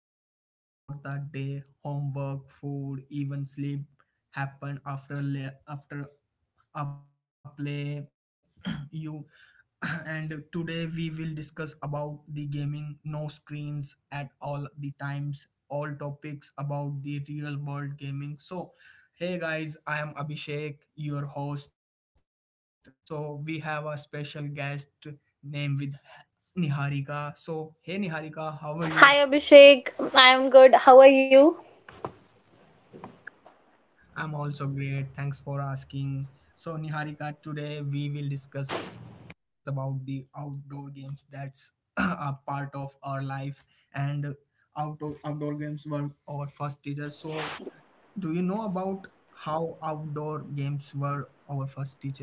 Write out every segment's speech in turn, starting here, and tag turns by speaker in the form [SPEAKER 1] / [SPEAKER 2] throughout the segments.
[SPEAKER 1] plan for the day, homework, food, even sleep happen after after a play you and today we will discuss about the gaming, no screens at all the times, all topics about the real world gaming. So hey guys, I am Abhishek, your host. So we have a special guest named with Niharika. So hey Niharika, how are you?
[SPEAKER 2] Hi Abhishek, I am good. How are you?
[SPEAKER 1] I'm also great. Thanks for asking. So, Niharika, today we will discuss about the outdoor games, that's a part of our life, and outdoor games were our first teacher. So, do you know about how outdoor games were our first teacher?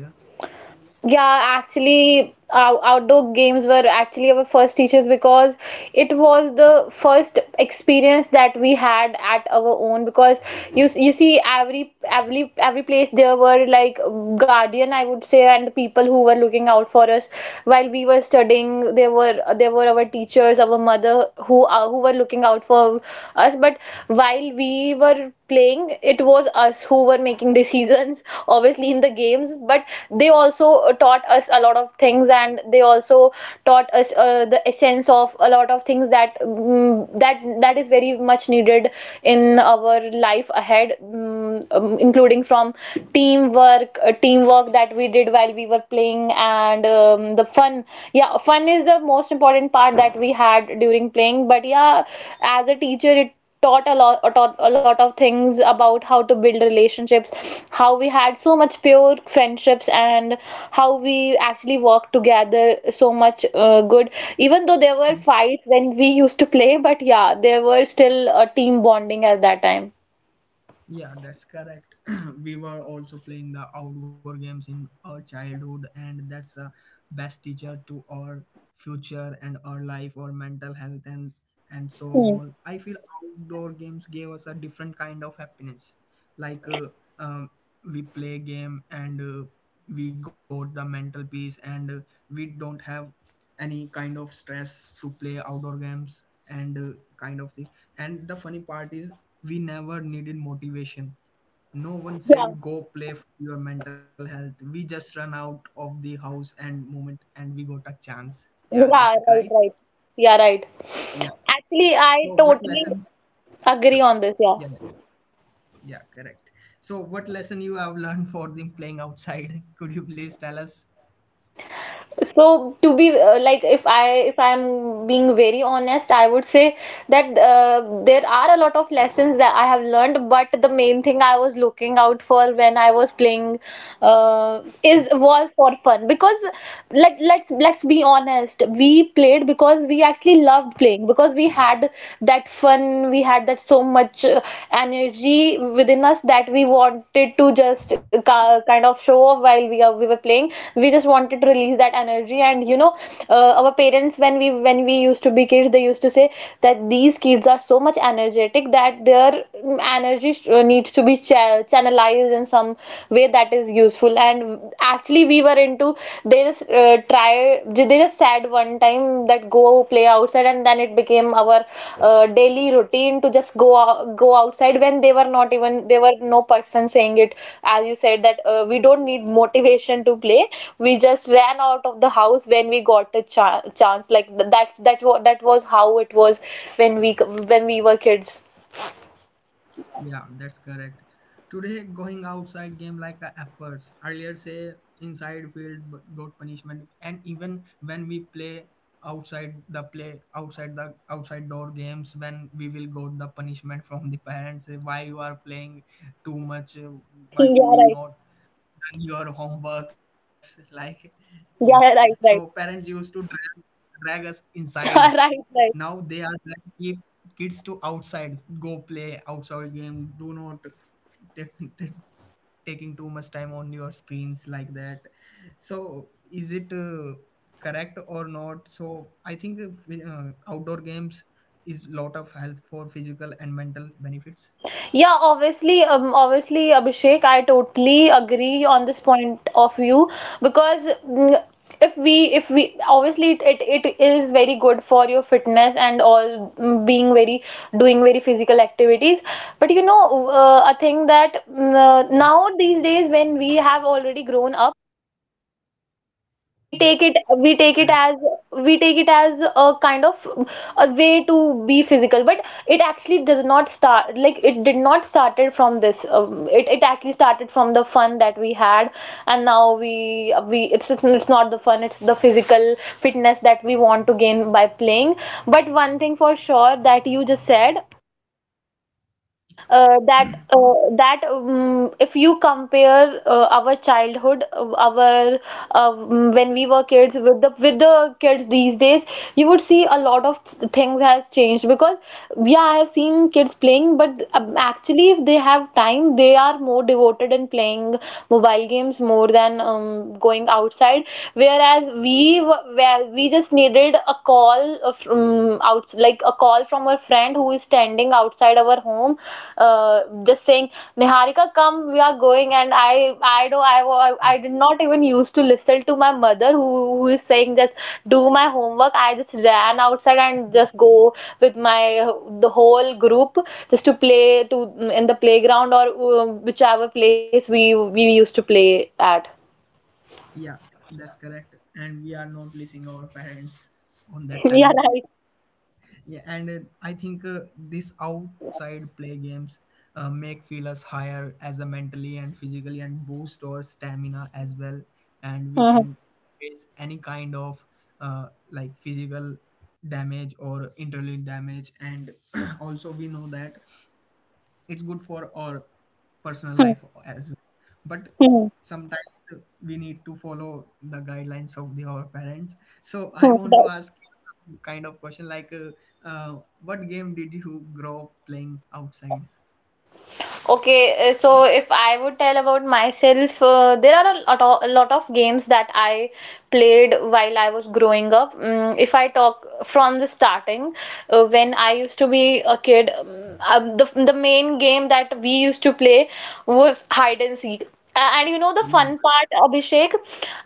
[SPEAKER 2] Yeah, actually, our outdoor games were actually our first teachers because it was the first experience that we had at our own. Because you see, every every place there were like guardian, I would say, and the people who were looking out for us while we were studying. There were our teachers, our mother who were looking out for us. But while we were playing it was us who were making decisions obviously in the games, but they also taught us a lot of things, and they also taught us the essence of a lot of things that that is very much needed in our life ahead, including from teamwork, teamwork that we did while we were playing, and the fun. Yeah, fun is the most important part that we had during playing, but yeah, as a teacher it taught a lot, taught a lot of things about how to build relationships, how we had so much pure friendships, and how we actually worked together so much good. Even though there were fights when we used to play but yeah there were still a team bonding at that time.
[SPEAKER 1] Yeah, that's correct. We were also playing the outdoor games in our childhood, and that's a best teacher to our future and our life, our mental health, and so
[SPEAKER 2] Hmm.
[SPEAKER 1] on. I feel outdoor games gave us a different kind of happiness. Like um, we play game, and we got the mental peace, and we don't have any kind of stress to play outdoor games and kind of thing. And the funny part is we never needed motivation. No one
[SPEAKER 2] Yeah,
[SPEAKER 1] said, go play for your mental health. We just run out of the house and moment and we got a chance. Yeah, that's
[SPEAKER 2] yeah, right,
[SPEAKER 1] right.
[SPEAKER 2] right. Yeah, right.
[SPEAKER 1] Yeah. Yes.
[SPEAKER 2] Actually,
[SPEAKER 1] So
[SPEAKER 2] I
[SPEAKER 1] what
[SPEAKER 2] totally
[SPEAKER 1] lesson? Yeah,
[SPEAKER 2] agree on this. Yeah.
[SPEAKER 1] yeah, yeah, yeah, correct. So what lesson you have learned for the playing outside? Could you please tell us?
[SPEAKER 2] So to be like, if I'm being very honest, I would say that there are a lot of lessons that I have learned, but the main thing I was looking out for when I was playing is was for fun because like, let's be honest, we played because we actually loved playing, because we had that fun, we had that so much much energy within us that we wanted to just kind of show off while we were playing. We just wanted to release that energy, and you know, our parents when we used to be kids, they used to say that these kids are so much energetic that their energy needs to be channelized in some way that is useful. And actually, we were into, they just try, they just said one time that go play outside, and then it became our daily routine to just go out, go outside when they were not even, they were no person saying it, as you said that we don't need motivation to play. We just ran out of the house when we got a chance, like that. That's what, that was how it was when we when we were kids.
[SPEAKER 1] Yeah, that's correct. Today, going outside game like a efforts. Earlier, say inside field but got punishment, and even when we play outside the outside door games, when we will got the punishment from the parents. Say, why you are playing too much? Why
[SPEAKER 2] Yeah,
[SPEAKER 1] would
[SPEAKER 2] right.
[SPEAKER 1] you not done your homeworks? Like, yeah.
[SPEAKER 2] Yeah,
[SPEAKER 1] So
[SPEAKER 2] right, right.
[SPEAKER 1] parents used to drag us inside.
[SPEAKER 2] Right, right.
[SPEAKER 1] Now they are like keep kids to outside, go play outside game. Do not take, take- taking too much time on your screens like that. So is it correct or not? So I think outdoor games is lot of help for physical and mental benefits.
[SPEAKER 2] Yeah, obviously, obviously, Abhishek, I totally agree on this point of view because, if we, obviously, it is very good for your fitness and all, being very, doing very physical activities. But you know, a thing that, now these days when we have already grown up, we take it
[SPEAKER 1] Yeah,
[SPEAKER 2] we take it as
[SPEAKER 1] correct.
[SPEAKER 2] we take it as a kind of a way to be physical, but it actually does not start, like it did not started from this, it, it actually started from the fun that we had. And now we it's, it's not the fun, it's the physical fitness that we want to gain by playing. But one thing for sure that you just said, that that if you compare our childhood, our when we were kids, with the, with the kids these days, you would see a lot of things has changed because yeah, I have seen kids playing, but actually if they have time, they are more devoted in playing mobile games more than going outside. Whereas we were, where we just needed a call from out like a call from a friend who is standing outside our home, uh, just saying, Niharika, come, we are going. And I do I wa- I did not even used to listen to my mother, who is saying just do my homework. I just ran outside and just go with my, the whole group, just to play, to, in the playground, or whichever place we used to play at.
[SPEAKER 1] Yeah, that's correct. And we are not listening our parents on that
[SPEAKER 2] Yeah, right.
[SPEAKER 1] time. Yeah, and I think this outside play games make feel us higher as a mentally and physically and boost our stamina as well. And we
[SPEAKER 2] Mhm.
[SPEAKER 1] can face any kind of like physical damage or internally damage. And also we know that it's good for our personal life as well, but
[SPEAKER 2] Mhm.
[SPEAKER 1] sometimes we need to follow the guidelines of our parents. So I
[SPEAKER 2] Mhm.
[SPEAKER 1] want to ask you some kind of question, like what game did you grow up playing outside?
[SPEAKER 2] Okay, so if I would tell about myself, there are a lot of games that I played while I was growing up. If I talk from the starting, when I used to be a kid, the main game that we used to play was hide and seek. And you know the
[SPEAKER 1] Yeah,
[SPEAKER 2] fun part, Abhishek,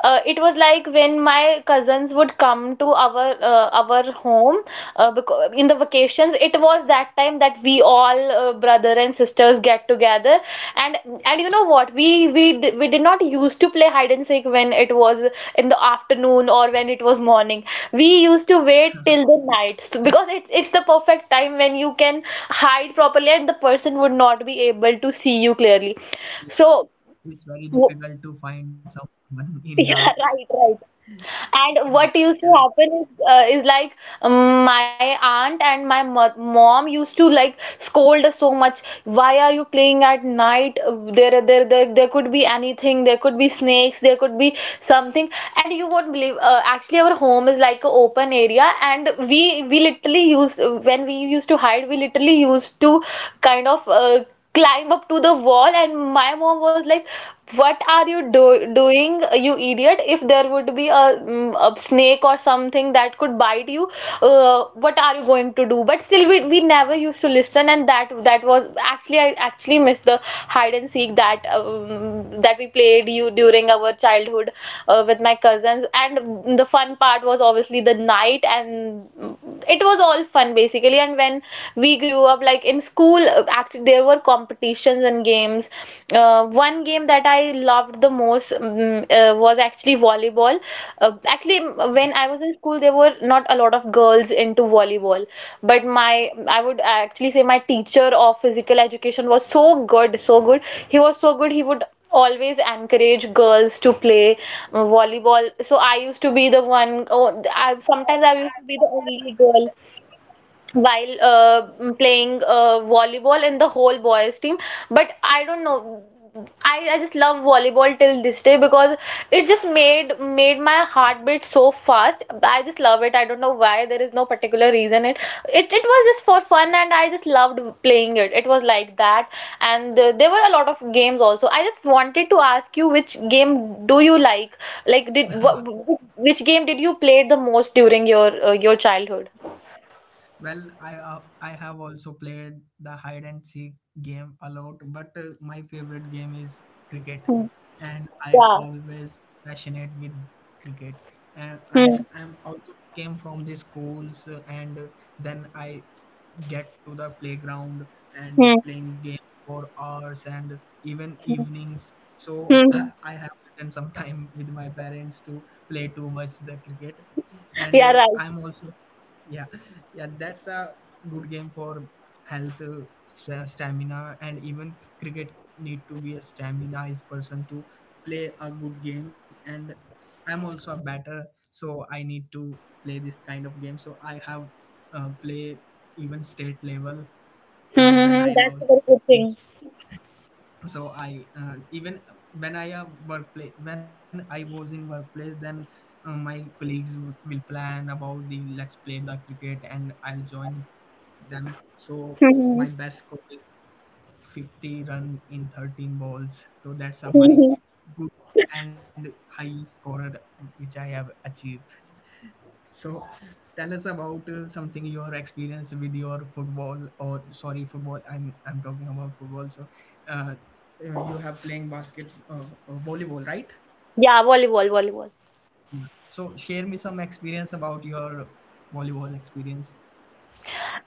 [SPEAKER 2] it was like when my cousins would come to our home, because in the vacations it was that time that we all, brother and sisters, get together. and and you know what, we, we did not used to play hide and seek when it was in the afternoon or when it was morning. We used to wait till the night, so, because it, it's the perfect time when you can hide properly and the person would not be able to see you clearly.
[SPEAKER 1] yeah.
[SPEAKER 2] So
[SPEAKER 1] It's very
[SPEAKER 2] w-
[SPEAKER 1] difficult to find someone in dark.
[SPEAKER 2] yeah, right, right.
[SPEAKER 1] Yeah,
[SPEAKER 2] And what
[SPEAKER 1] correct.
[SPEAKER 2] used to happen is, like, my aunt and my mo mom used to like scold us so much. Why are you playing at night? There could be anything. There could be snakes. There could be something. And you won't believe. Actually, our home is like an open area, and we literally use, when we used to hide. We literally used to kind of. Climb up to the wall. And my mom was like, what are you do doing, you idiot, if there would be a, a snake or something that could bite you, what are you going to do? But still we never used to listen. And that was actually, I actually missed the hide and seek that, that we played you during our childhood with my cousins. And the fun part was obviously the night. And it was all fun basically. And when we grew up, like in school, actually there were competitions and games. One game that I loved the most, was actually volleyball. Actually when I was in school there were not a lot of girls into volleyball, but my I would actually say my teacher of physical education was so good. He was so good. He would always encourage girls to play volleyball. So I used to be the one. Oh, sometimes I used to be the only, while playing volleyball in the whole boys team. But I don't know, I just love volleyball till this day, because it just made my heartbeat so fast. I just love it. I don't know why, there is no particular reason. It, it was just for fun and I just loved playing it. It was like that. And there were a lot of games also. I just wanted to ask you which game do you like which game did you play the most during your childhood?
[SPEAKER 1] Well, I have also played the hide and seek game a lot, but my favorite game is cricket, and I
[SPEAKER 2] Yeah.
[SPEAKER 1] always passionate with cricket. And
[SPEAKER 2] Hmm.
[SPEAKER 1] I'm also came from the schools, and then I get to the playground and
[SPEAKER 2] Hmm.
[SPEAKER 1] playing game for hours and even
[SPEAKER 2] Hmm.
[SPEAKER 1] evenings. So i,
[SPEAKER 2] Hmm.
[SPEAKER 1] I have written some time with my parents to play too much the cricket, and
[SPEAKER 2] Yeah, right.
[SPEAKER 1] I'm also, yeah, yeah, that's a good game for health, stamina. And even cricket need to be a staminized person to play a good game, and I'm also a batter, so I need to play this kind of game. So I have play even state level.
[SPEAKER 2] Hmm. Hmm. Hmm.
[SPEAKER 1] When
[SPEAKER 2] That's
[SPEAKER 1] I
[SPEAKER 2] a very
[SPEAKER 1] was,
[SPEAKER 2] good thing.
[SPEAKER 1] it's- so I, even when I, workplace, when I was in workplace, then my colleagues will plan about the let's play the cricket, and I'll join them. So
[SPEAKER 2] Hmm. Hmm.
[SPEAKER 1] my best score is 50 run in 13 balls, so that's a
[SPEAKER 2] Hmm. Hmm.
[SPEAKER 1] my good and high scorer which I have achieved. So tell us about something your experience with your football, or sorry football, I'm talking about football. So uh, you have playing basket volleyball, right?
[SPEAKER 2] Yeah, volleyball, volleyball.
[SPEAKER 1] So share me some experience about your volleyball experience.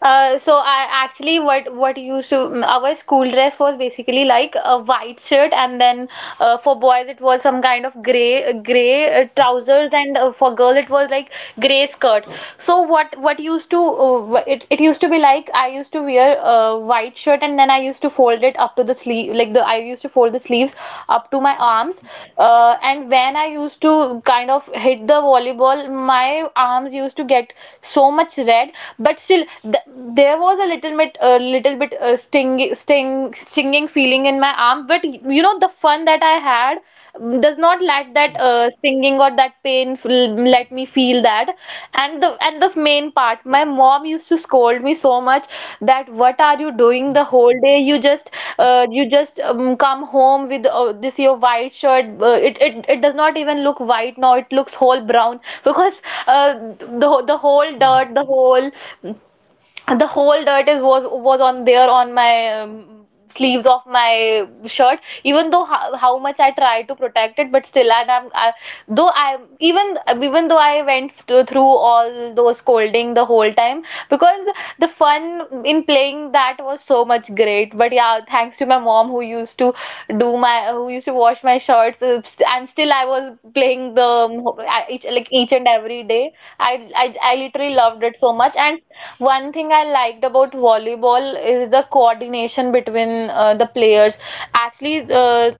[SPEAKER 2] So I actually, what used to, our school dress was basically like a white shirt, and then for boys it was some kind of gray trousers, and for girls it was like gray skirt. So what used to it, it used to be like, I used to wear a white shirt and then I used to fold it up to the sleeve, like the I used to fold the sleeves up to my arms. And when I used to kind of hit the volleyball, my arms used to get so much red. But still there was a little bit, stinging feeling in my arm. But you know, the fun that I had, does not let that
[SPEAKER 1] Yeah,
[SPEAKER 2] stinging or that pain let me feel that. And the, and the main part, my mom used to scold me so much that, what are you doing the whole day? You just, you just, come home with, this your white shirt. It does not even look white now. It looks whole brown because uh, the whole dirt,
[SPEAKER 1] yeah,
[SPEAKER 2] the whole dirt is was on there on my sleeves of my shirt, even though how much I try to protect it, but still. And though I even even though I went through all those scolding the whole time, because the fun in playing that was so much great. But yeah, thanks to my mom who used to do my who used to wash my shirts, and still I was playing the I- each like each and every day. I literally loved it so much. And one thing I liked about volleyball is the coordination between the players. Actually,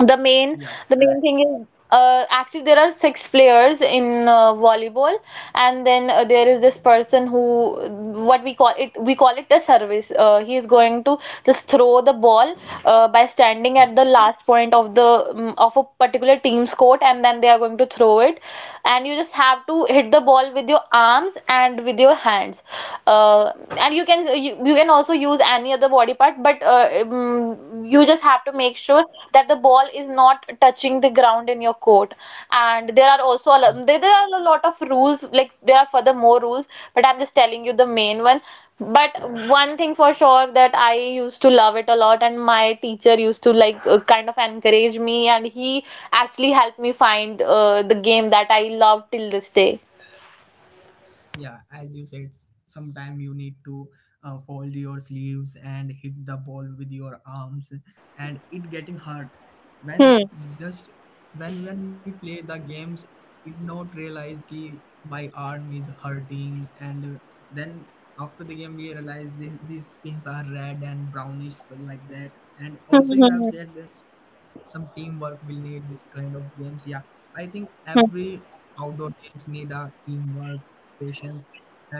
[SPEAKER 2] the main the
[SPEAKER 1] yeah,
[SPEAKER 2] main thing
[SPEAKER 1] correct.
[SPEAKER 2] is, actually, there are six players in volleyball, and then there is this person who, what we call it a service. He is going to just throw the ball by standing at the
[SPEAKER 1] Yeah.
[SPEAKER 2] last point of of a particular team's court, and then they are going to throw it. And you just have to hit the ball with your arms and with your hands. uh, and you can also use any other body part, but you just have to make sure that the ball is not touching the ground in your court. And
[SPEAKER 1] Yeah.
[SPEAKER 2] there are a lot of rules. Like there are further more rules, but I'm just telling you the main one. But one thing for sure, that I used to love it a lot, and my teacher used to like kind of encourage me, and he actually helped me find the game that I love till this day.
[SPEAKER 1] Yeah, as you said, sometime you need to fold your sleeves and hit the ball with your arms, and it getting hurt when,
[SPEAKER 2] Hmm.
[SPEAKER 1] just when, we play the games, it not realize ki my arm is hurting. And then after the game we realize this these skins are red and brownish, like that. And
[SPEAKER 2] Hmm.
[SPEAKER 1] also you have
[SPEAKER 2] Hmm.
[SPEAKER 1] said some teamwork will need this kind of games. Yeah, I think
[SPEAKER 2] Hmm.
[SPEAKER 1] every outdoor games need a teamwork, patience,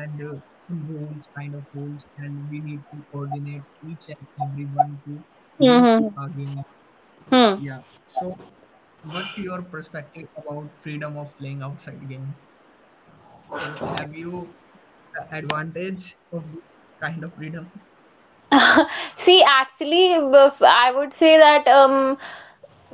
[SPEAKER 1] and some rules kind of rules, and we need to coordinate each and everyone to win
[SPEAKER 2] Hmm. Hmm.
[SPEAKER 1] a game.
[SPEAKER 2] Hmm.
[SPEAKER 1] Yeah. So what your perspective about freedom of playing outside game? So have you the advantage of this kind of freedom?
[SPEAKER 2] See, actually, I would say that,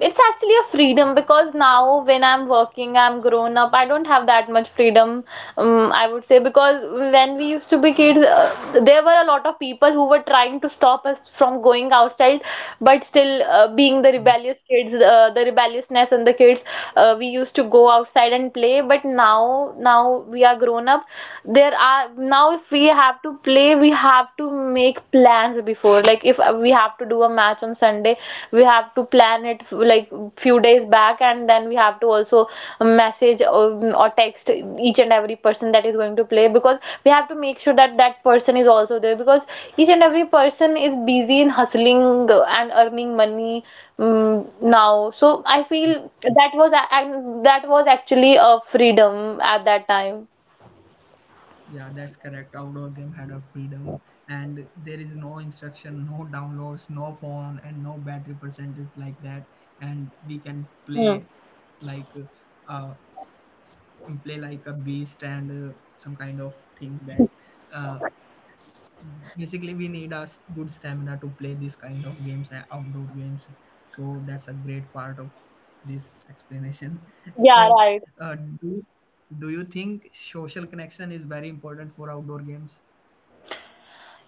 [SPEAKER 2] it's actually a freedom, because now when I'm working, I'm grown up, I don't have that much freedom, I would say. Because when we used to be kids, there were a lot of people who were trying to stop us from going outside, but still, being the
[SPEAKER 1] Yeah,
[SPEAKER 2] rebellious kids, the rebelliousness and the kids, we used to go outside and play. But now we are grown up. There are now If we have to play, we have to make plans before. Like if we have to do a match on Sunday, we have to plan it like few days back, and then we have to also message or text each and every person that is going to play, because we have to make sure that that person is also there, because each and every person is busy in hustling and earning money. Now, so I
[SPEAKER 1] yeah.
[SPEAKER 2] feel that was and that was actually a freedom at that time.
[SPEAKER 1] Yeah, that's correct. Outdoor game had a freedom, and there is no instruction, no downloads, no phone, and no battery percentage, like that. And we can
[SPEAKER 2] Hmm.
[SPEAKER 1] like uh, play like a beast, and some kind of things that uh, basically we need a good stamina to play this kind of games and outdoor games. So that's a great part of this explanation.
[SPEAKER 2] Yeah,
[SPEAKER 1] So
[SPEAKER 2] right.
[SPEAKER 1] uh, do do you think social connection is very important for outdoor games?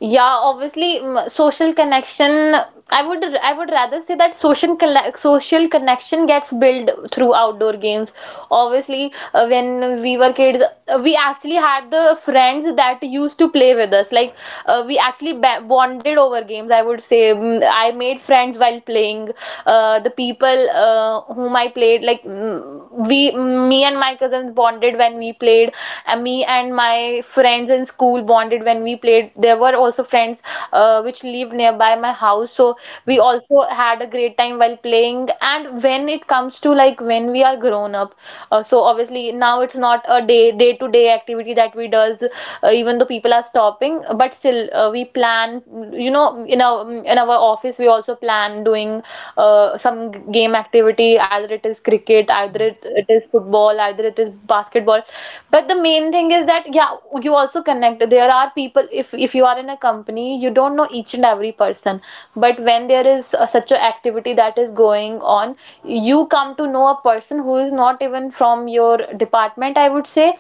[SPEAKER 2] Yeah, obviously, social connection. I would rather say that social connection gets built through outdoor games. Obviously, when we were kids, we actually had the friends that used to play with us. Like we actually bonded over games, I would say. I made friends while playing. The people whom I played, like, me and my cousins bonded when we played, and me and my friends in school bonded when we played. There were also friends which lived nearby my house, so we
[SPEAKER 1] Yeah,
[SPEAKER 2] also had a great time while playing. And when it comes to, like, when we are grown up, so obviously now it's not a day to day activity that we does, even though people are stopping, but still we plan. You know, in our office we also plan doing some game activity, either it is cricket, either it,
[SPEAKER 1] yeah,
[SPEAKER 2] it is football, either it is basketball. But the main thing is that yeah, you also connect. There are people. If you are in a company, you don't know each and every person. But when there is such a activity that is going on, you come to know a person who is not even from your department, I would say,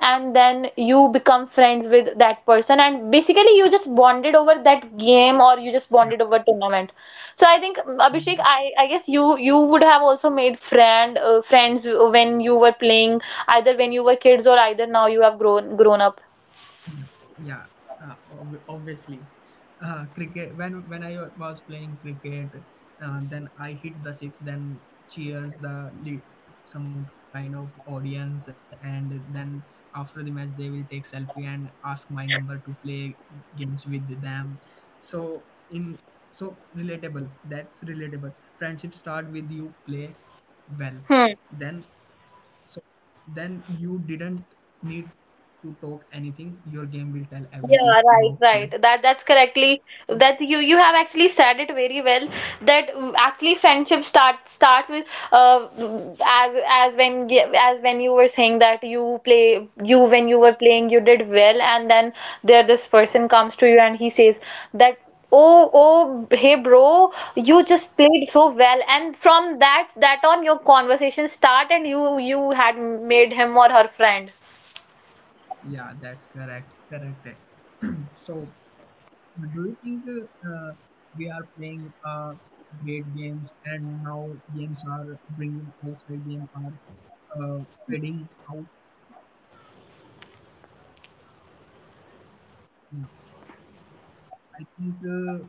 [SPEAKER 2] and then you become friends with that person, and basically you just bonded over that game or you just
[SPEAKER 1] yeah,
[SPEAKER 2] bonded over tournament. So I think, Abhishek,
[SPEAKER 1] mhm,
[SPEAKER 2] I guess you would have also made friends when you were playing, either when you were kids or either now you have grown up.
[SPEAKER 1] yeah, yeah. Obviously, cricket. When I was playing cricket, then I hit the six. Then cheers the some kind of audience, and then after the match they will take selfie and ask my number to play games with them. So in, so relatable. That's relatable. Friendship start with you play well. Then So then you didn't need to talk anything, your game will tell everything
[SPEAKER 2] Yeah,
[SPEAKER 1] about
[SPEAKER 2] right,
[SPEAKER 1] you.
[SPEAKER 2] right. That's correctly,
[SPEAKER 1] So,
[SPEAKER 2] that you have actually said it very well. That, actually, friendship start starts with uh as when you were saying that, you, when you were playing, you did well, and then there this person comes to you, and he says that, oh hey bro, you just played so well, and from that on your conversation start, and you had made him or her friend.
[SPEAKER 1] yeah, that's correct. Correct. So, do you think we are playing great games, and now games are bringing outside game are uh, fading out? Yeah, I think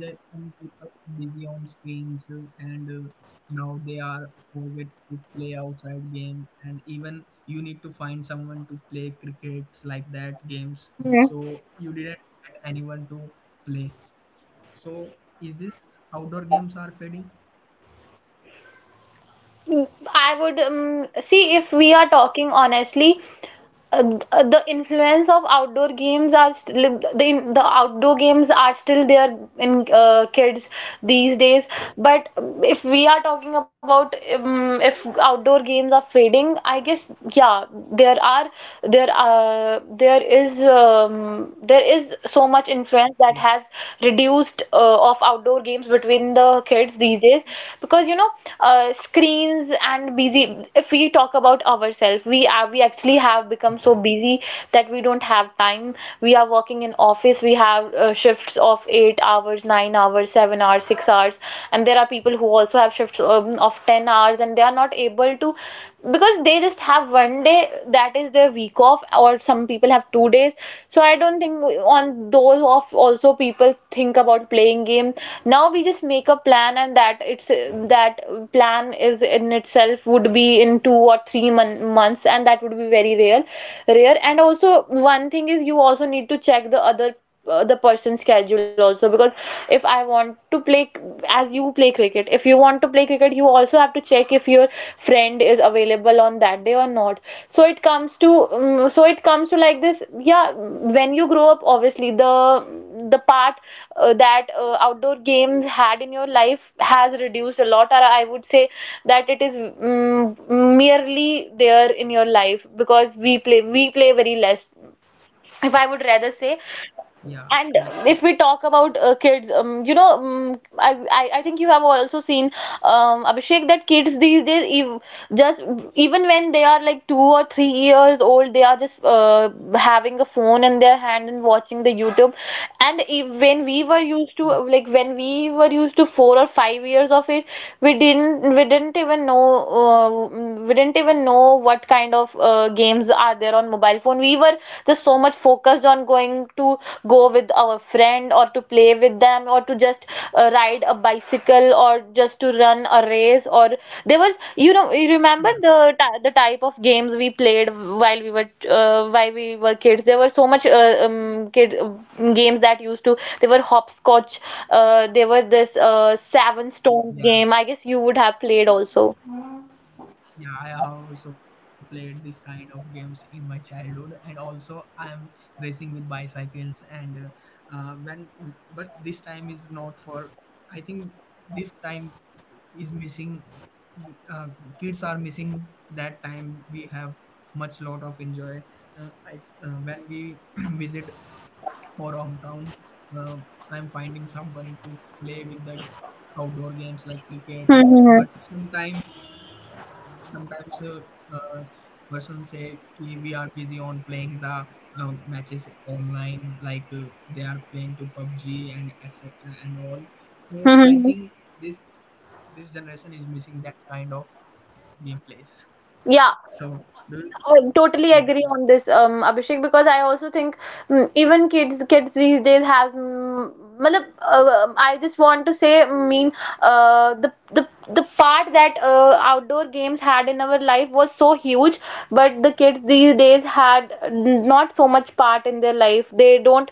[SPEAKER 1] that some people are busy on screens, and now they are forget to play outside game, and even you need to find someone to play crickets like that games. So you didn't get anyone to play, so is this outdoor games are fading?
[SPEAKER 2] I would, see, if we are talking honestly, the influence of outdoor games are still, the outdoor games are still there in kids these days. But if we are talking about, if outdoor games are fading, I guess yeah, there are there is so much influence that
[SPEAKER 1] Yeah,
[SPEAKER 2] has reduced of outdoor games between the kids these days, because you know, screens and busy. If we talk about ourselves, we actually have become so busy that we don't have time. We are working in office. We have shifts of 8 hours, 9 hours, 7 hours, 6 hours. And there are people who also have shifts, of 10 hours, and they are not able to, because they just have one day that is their week off, or some people have 2 days. So I don't think on those off also people think about playing game. Now we just make a plan, and that it's that plan is in itself would be in two or three months, and that would be very rare. And also one thing is you also need to check the other, the person's schedule also, because if I want to play, as you play cricket, if you want to play cricket, you also have to check if your friend is available on that day or not. so it comes to so it comes to like this, yeah. When you grow up, obviously the part that outdoor games had in your life has reduced a lot, or I would say that it is, um, merely there in your life, because we play very less, if I would rather say.
[SPEAKER 1] yeah,
[SPEAKER 2] And
[SPEAKER 1] correct,
[SPEAKER 2] if we talk about kids, you know, I think you have also seen, Abhishek, that kids these days, ev just even when they are like 2 or 3 years old, they are just having a phone in their hand and watching the YouTube. And if, when we were used to,
[SPEAKER 1] yeah,
[SPEAKER 2] like when we were used to 4 or 5 years of age, we didn't even know, uh, we didn't even know what kind of games are there on mobile phone. We were just so much focused on going to go with our friend, or to play with them, or to just ride a bicycle, or just to run a race. Or there was, you know, you remember
[SPEAKER 1] yeah,
[SPEAKER 2] the the type of games we played while we were kids. There were so much kid games that used to, there were hopscotch, there were this seven stones game,
[SPEAKER 1] yeah.
[SPEAKER 2] I guess you would have played also.
[SPEAKER 1] Yeah, I have also played this kind of games in my childhood, and also I am racing with bicycles. And but this time is not for. I think this time is missing. Uh, Kids are missing that time. We have much lot of enjoy. I, when we visit our hometown, uh, I am finding someone to play with the outdoor games like cricket.
[SPEAKER 2] Hmm, hmm, hmm.
[SPEAKER 1] But sometimes, uh, person say कि we are busy on playing the matches online, like they are playing to PUBG and etc and all. So
[SPEAKER 2] Hmm, hmm, hmm.
[SPEAKER 1] I think this this generation is missing that kind of gameplays.
[SPEAKER 2] Yeah,
[SPEAKER 1] So do you,
[SPEAKER 2] I totally agree
[SPEAKER 1] yeah,
[SPEAKER 2] on this, Abhishek, because I also think, even kids these days has, matlab, I just want to say, mean, uh, the the the part that outdoor games had in our life was so huge, but the kids these days had, not so much part in their life. They don't,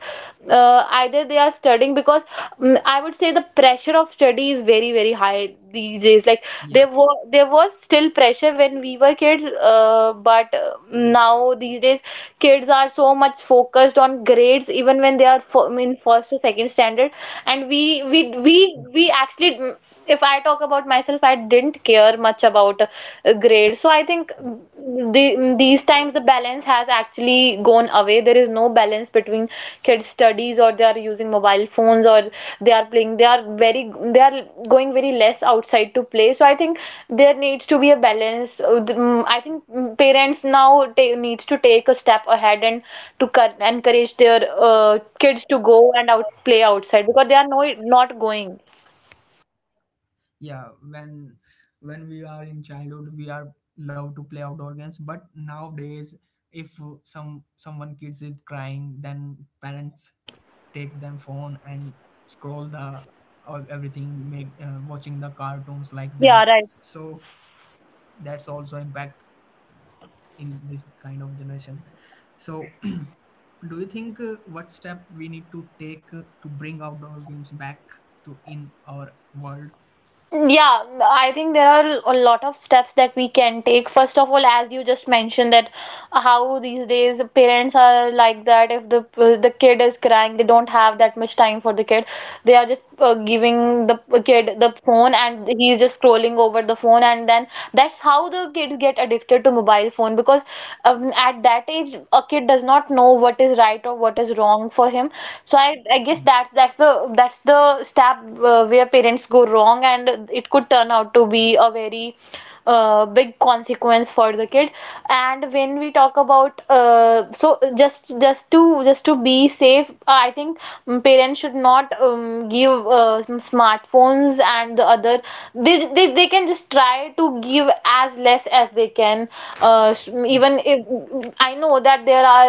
[SPEAKER 2] either they are studying, because, I would say the pressure of study is very very very high these days. Like
[SPEAKER 1] yeah,
[SPEAKER 2] there was still pressure when we were kids, but now these days kids are so much focused on grades even when they are fo in first to second standard. And we we we
[SPEAKER 1] yeah,
[SPEAKER 2] we actually, if I talk about myself, I didn't care much about grades. So I think these times the balance has actually gone away. There is no balance between kids' studies, or they are using mobile phones, or they are playing they are very they are going very less outside to play. So I think there needs to be a balance. I think parents now needs to take a step ahead and to encourage their kids to go and out play outside because they are not going.
[SPEAKER 1] yeah. when when we are in childhood, we are love to play outdoor games, but nowadays if someone kids is crying, then parents take them phone and scroll the all, everything, make watching the cartoons, like that.
[SPEAKER 2] Yeah right.
[SPEAKER 1] So that's also impact in this kind of generation. So do you think what step we need to take to bring outdoor games back to in our world?
[SPEAKER 2] Yeah, I think there are a lot of steps that we can take. First of all, as you just mentioned that how these days parents are like that. If the kid is crying, they don't have that much time for the kid. They are just giving the kid the phone, and he's just scrolling over the phone, and then that's how the kids get addicted to mobile phone because at that age, a kid does not know what is right or what is wrong for him. So I guess that's the step where parents go wrong, and it could turn out to be a very big consequence for the kid. And when we talk about so just to be safe, I think parents should not give smartphones and the other. They can just try to give as less as they can. uh,
[SPEAKER 1] Yeah,
[SPEAKER 2] Even if I know that there are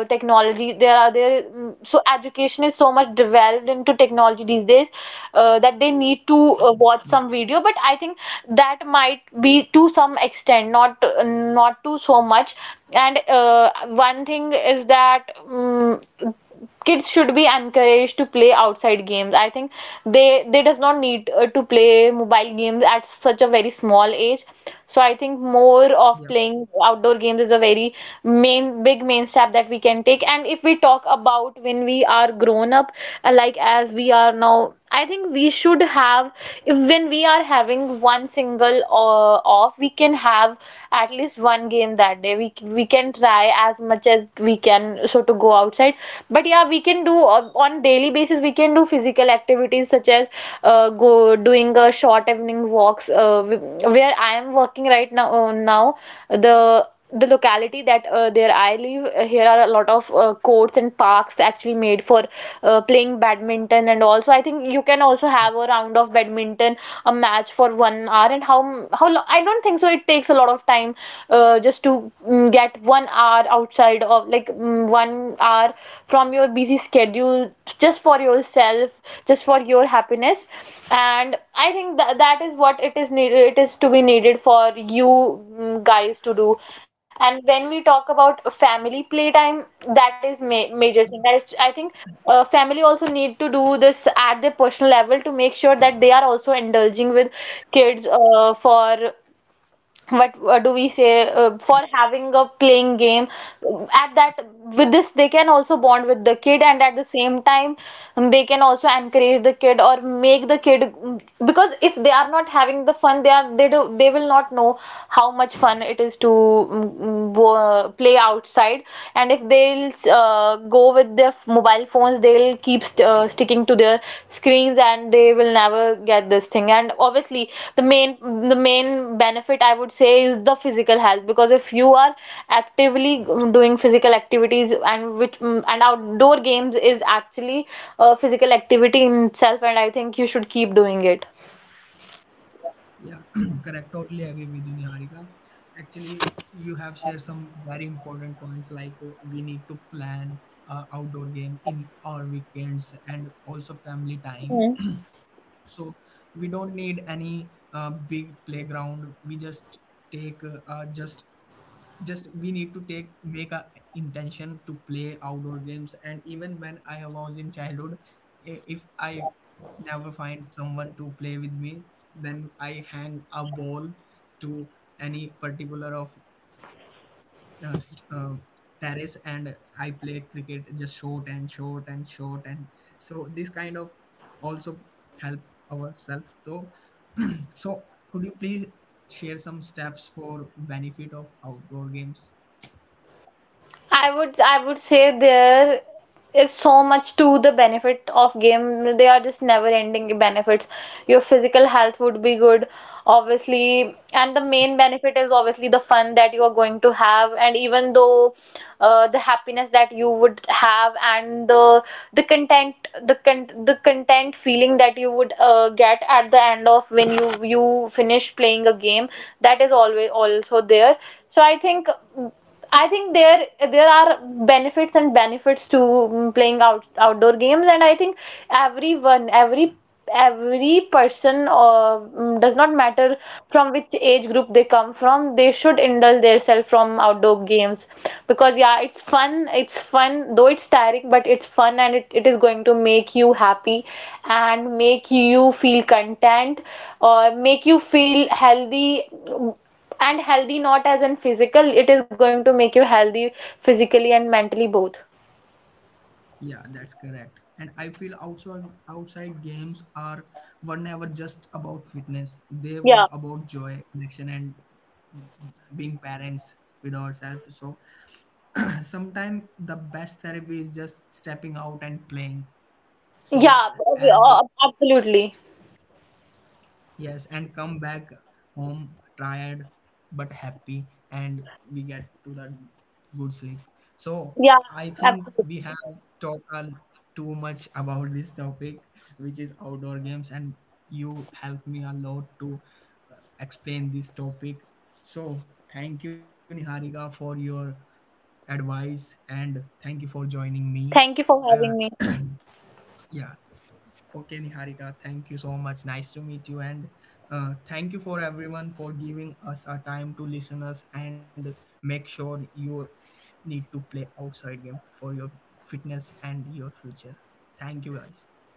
[SPEAKER 2] technology, there so education is so much developed into technology these days, that they need to watch
[SPEAKER 1] yeah,
[SPEAKER 2] some video. But I think that might be to some extent, not not to so much. And one thing is that kids should be encouraged to play outside games. I think they does not need to play mobile games at such a very small age. So I think more of
[SPEAKER 1] yeah,
[SPEAKER 2] playing outdoor games is a very main step that we can take. And if we talk about when we are grown up, like as we are now, I think we should have, if when we are having one single off, we can have at least one game that day. We can try as much as we can so to go outside. But yeah, we can do on daily basis. We can do physical activities such as go doing a short evening walks. Where I am working right now, the locality that there I live, here are a lot of courts and parks actually made for playing badminton. And also I think you can also have a round of badminton, a match for 1 hour. And I don't think so it takes a lot of time, just to get 1 hour outside of like 1 hour from your busy schedule, just for yourself, just for your happiness. And I think that that is what it is needed, it is to be needed for you, guys, to do. And when we talk about family playtime, that is major thing that
[SPEAKER 1] yeah,
[SPEAKER 2] is, I think family also need to do this at their personal level to make sure that they are also indulging with kids for what do we say,
[SPEAKER 1] yeah.
[SPEAKER 2] for having a playing game at that. With this, they can also bond with the kid, and at the same time they can also encourage the kid or make the kid, because if they are not having the fun, they are they do they will not know how much fun it is to play outside. And if they'll go with their mobile phones, they'll keep sticking to their screens, and they will never get this thing. And obviously the main the main benefit I would say is the physical health, because if you are actively doing physical activities, and which and outdoor games is actually a physical activity in itself, and I think you should keep doing it.
[SPEAKER 1] Yeah, correct. Totally agree with you, Niharika. Actually, you have shared some very important points, like we need to plan outdoor game in our weekends and also family time. So we don't need any big playground. We just take just we need to take make a intention to play outdoor games. And even when I was in childhood, if I never find someone to play with me, then I hang a ball to any particular of uh, s- uh, terrace, and I play cricket just short and short and short. And so this kind of also help ourselves. So so could you please share some steps for benefit of outdoor games?
[SPEAKER 2] I would say there is so much to the benefit of game. They are just never ending benefits. Your physical health would be good, obviously, and the main benefit is obviously the fun that you are going to have. And even though the happiness that you would have, and the content the content feeling that you would get at the end of when you finish playing a game, that is always also there. So I think. I think there are benefits and benefits to playing outdoor games. And I think everyone, every every person, or does not matter from which age group they come from, they should indulge themselves from outdoor games because yeah, it's fun. It's fun, though it's tiring, but it's fun, and it is going to make you happy and make you feel content, or make you feel healthy. And healthy, not as in physical, it is going to make you healthy physically and mentally both.
[SPEAKER 1] Yeah, that's correct. And I feel outside games are were never just about fitness. They
[SPEAKER 2] Yeah.
[SPEAKER 1] were about joy, connection, and being parents with ourselves. So sometimes the best therapy is just stepping out and playing. So
[SPEAKER 2] yeah ab-
[SPEAKER 1] as
[SPEAKER 2] Absolutely.
[SPEAKER 1] yes, and come back home tired but happy, and we get to that good sleep. So
[SPEAKER 2] Yeah.
[SPEAKER 1] I think
[SPEAKER 2] Absolutely.
[SPEAKER 1] we have talked too much about this topic, which is outdoor games, and you helped me a lot to uh, explain this topic. So thank you, Niharika, for your advice, and thank you for joining me.
[SPEAKER 2] Thank you for
[SPEAKER 1] Uh,
[SPEAKER 2] having me.
[SPEAKER 1] yeah, Okay, Niharika, thank you so much. Nice to meet you, and thank you for everyone for giving us our time to listen us, and make sure you need to play outside game for your fitness and your future. Thank you, guys.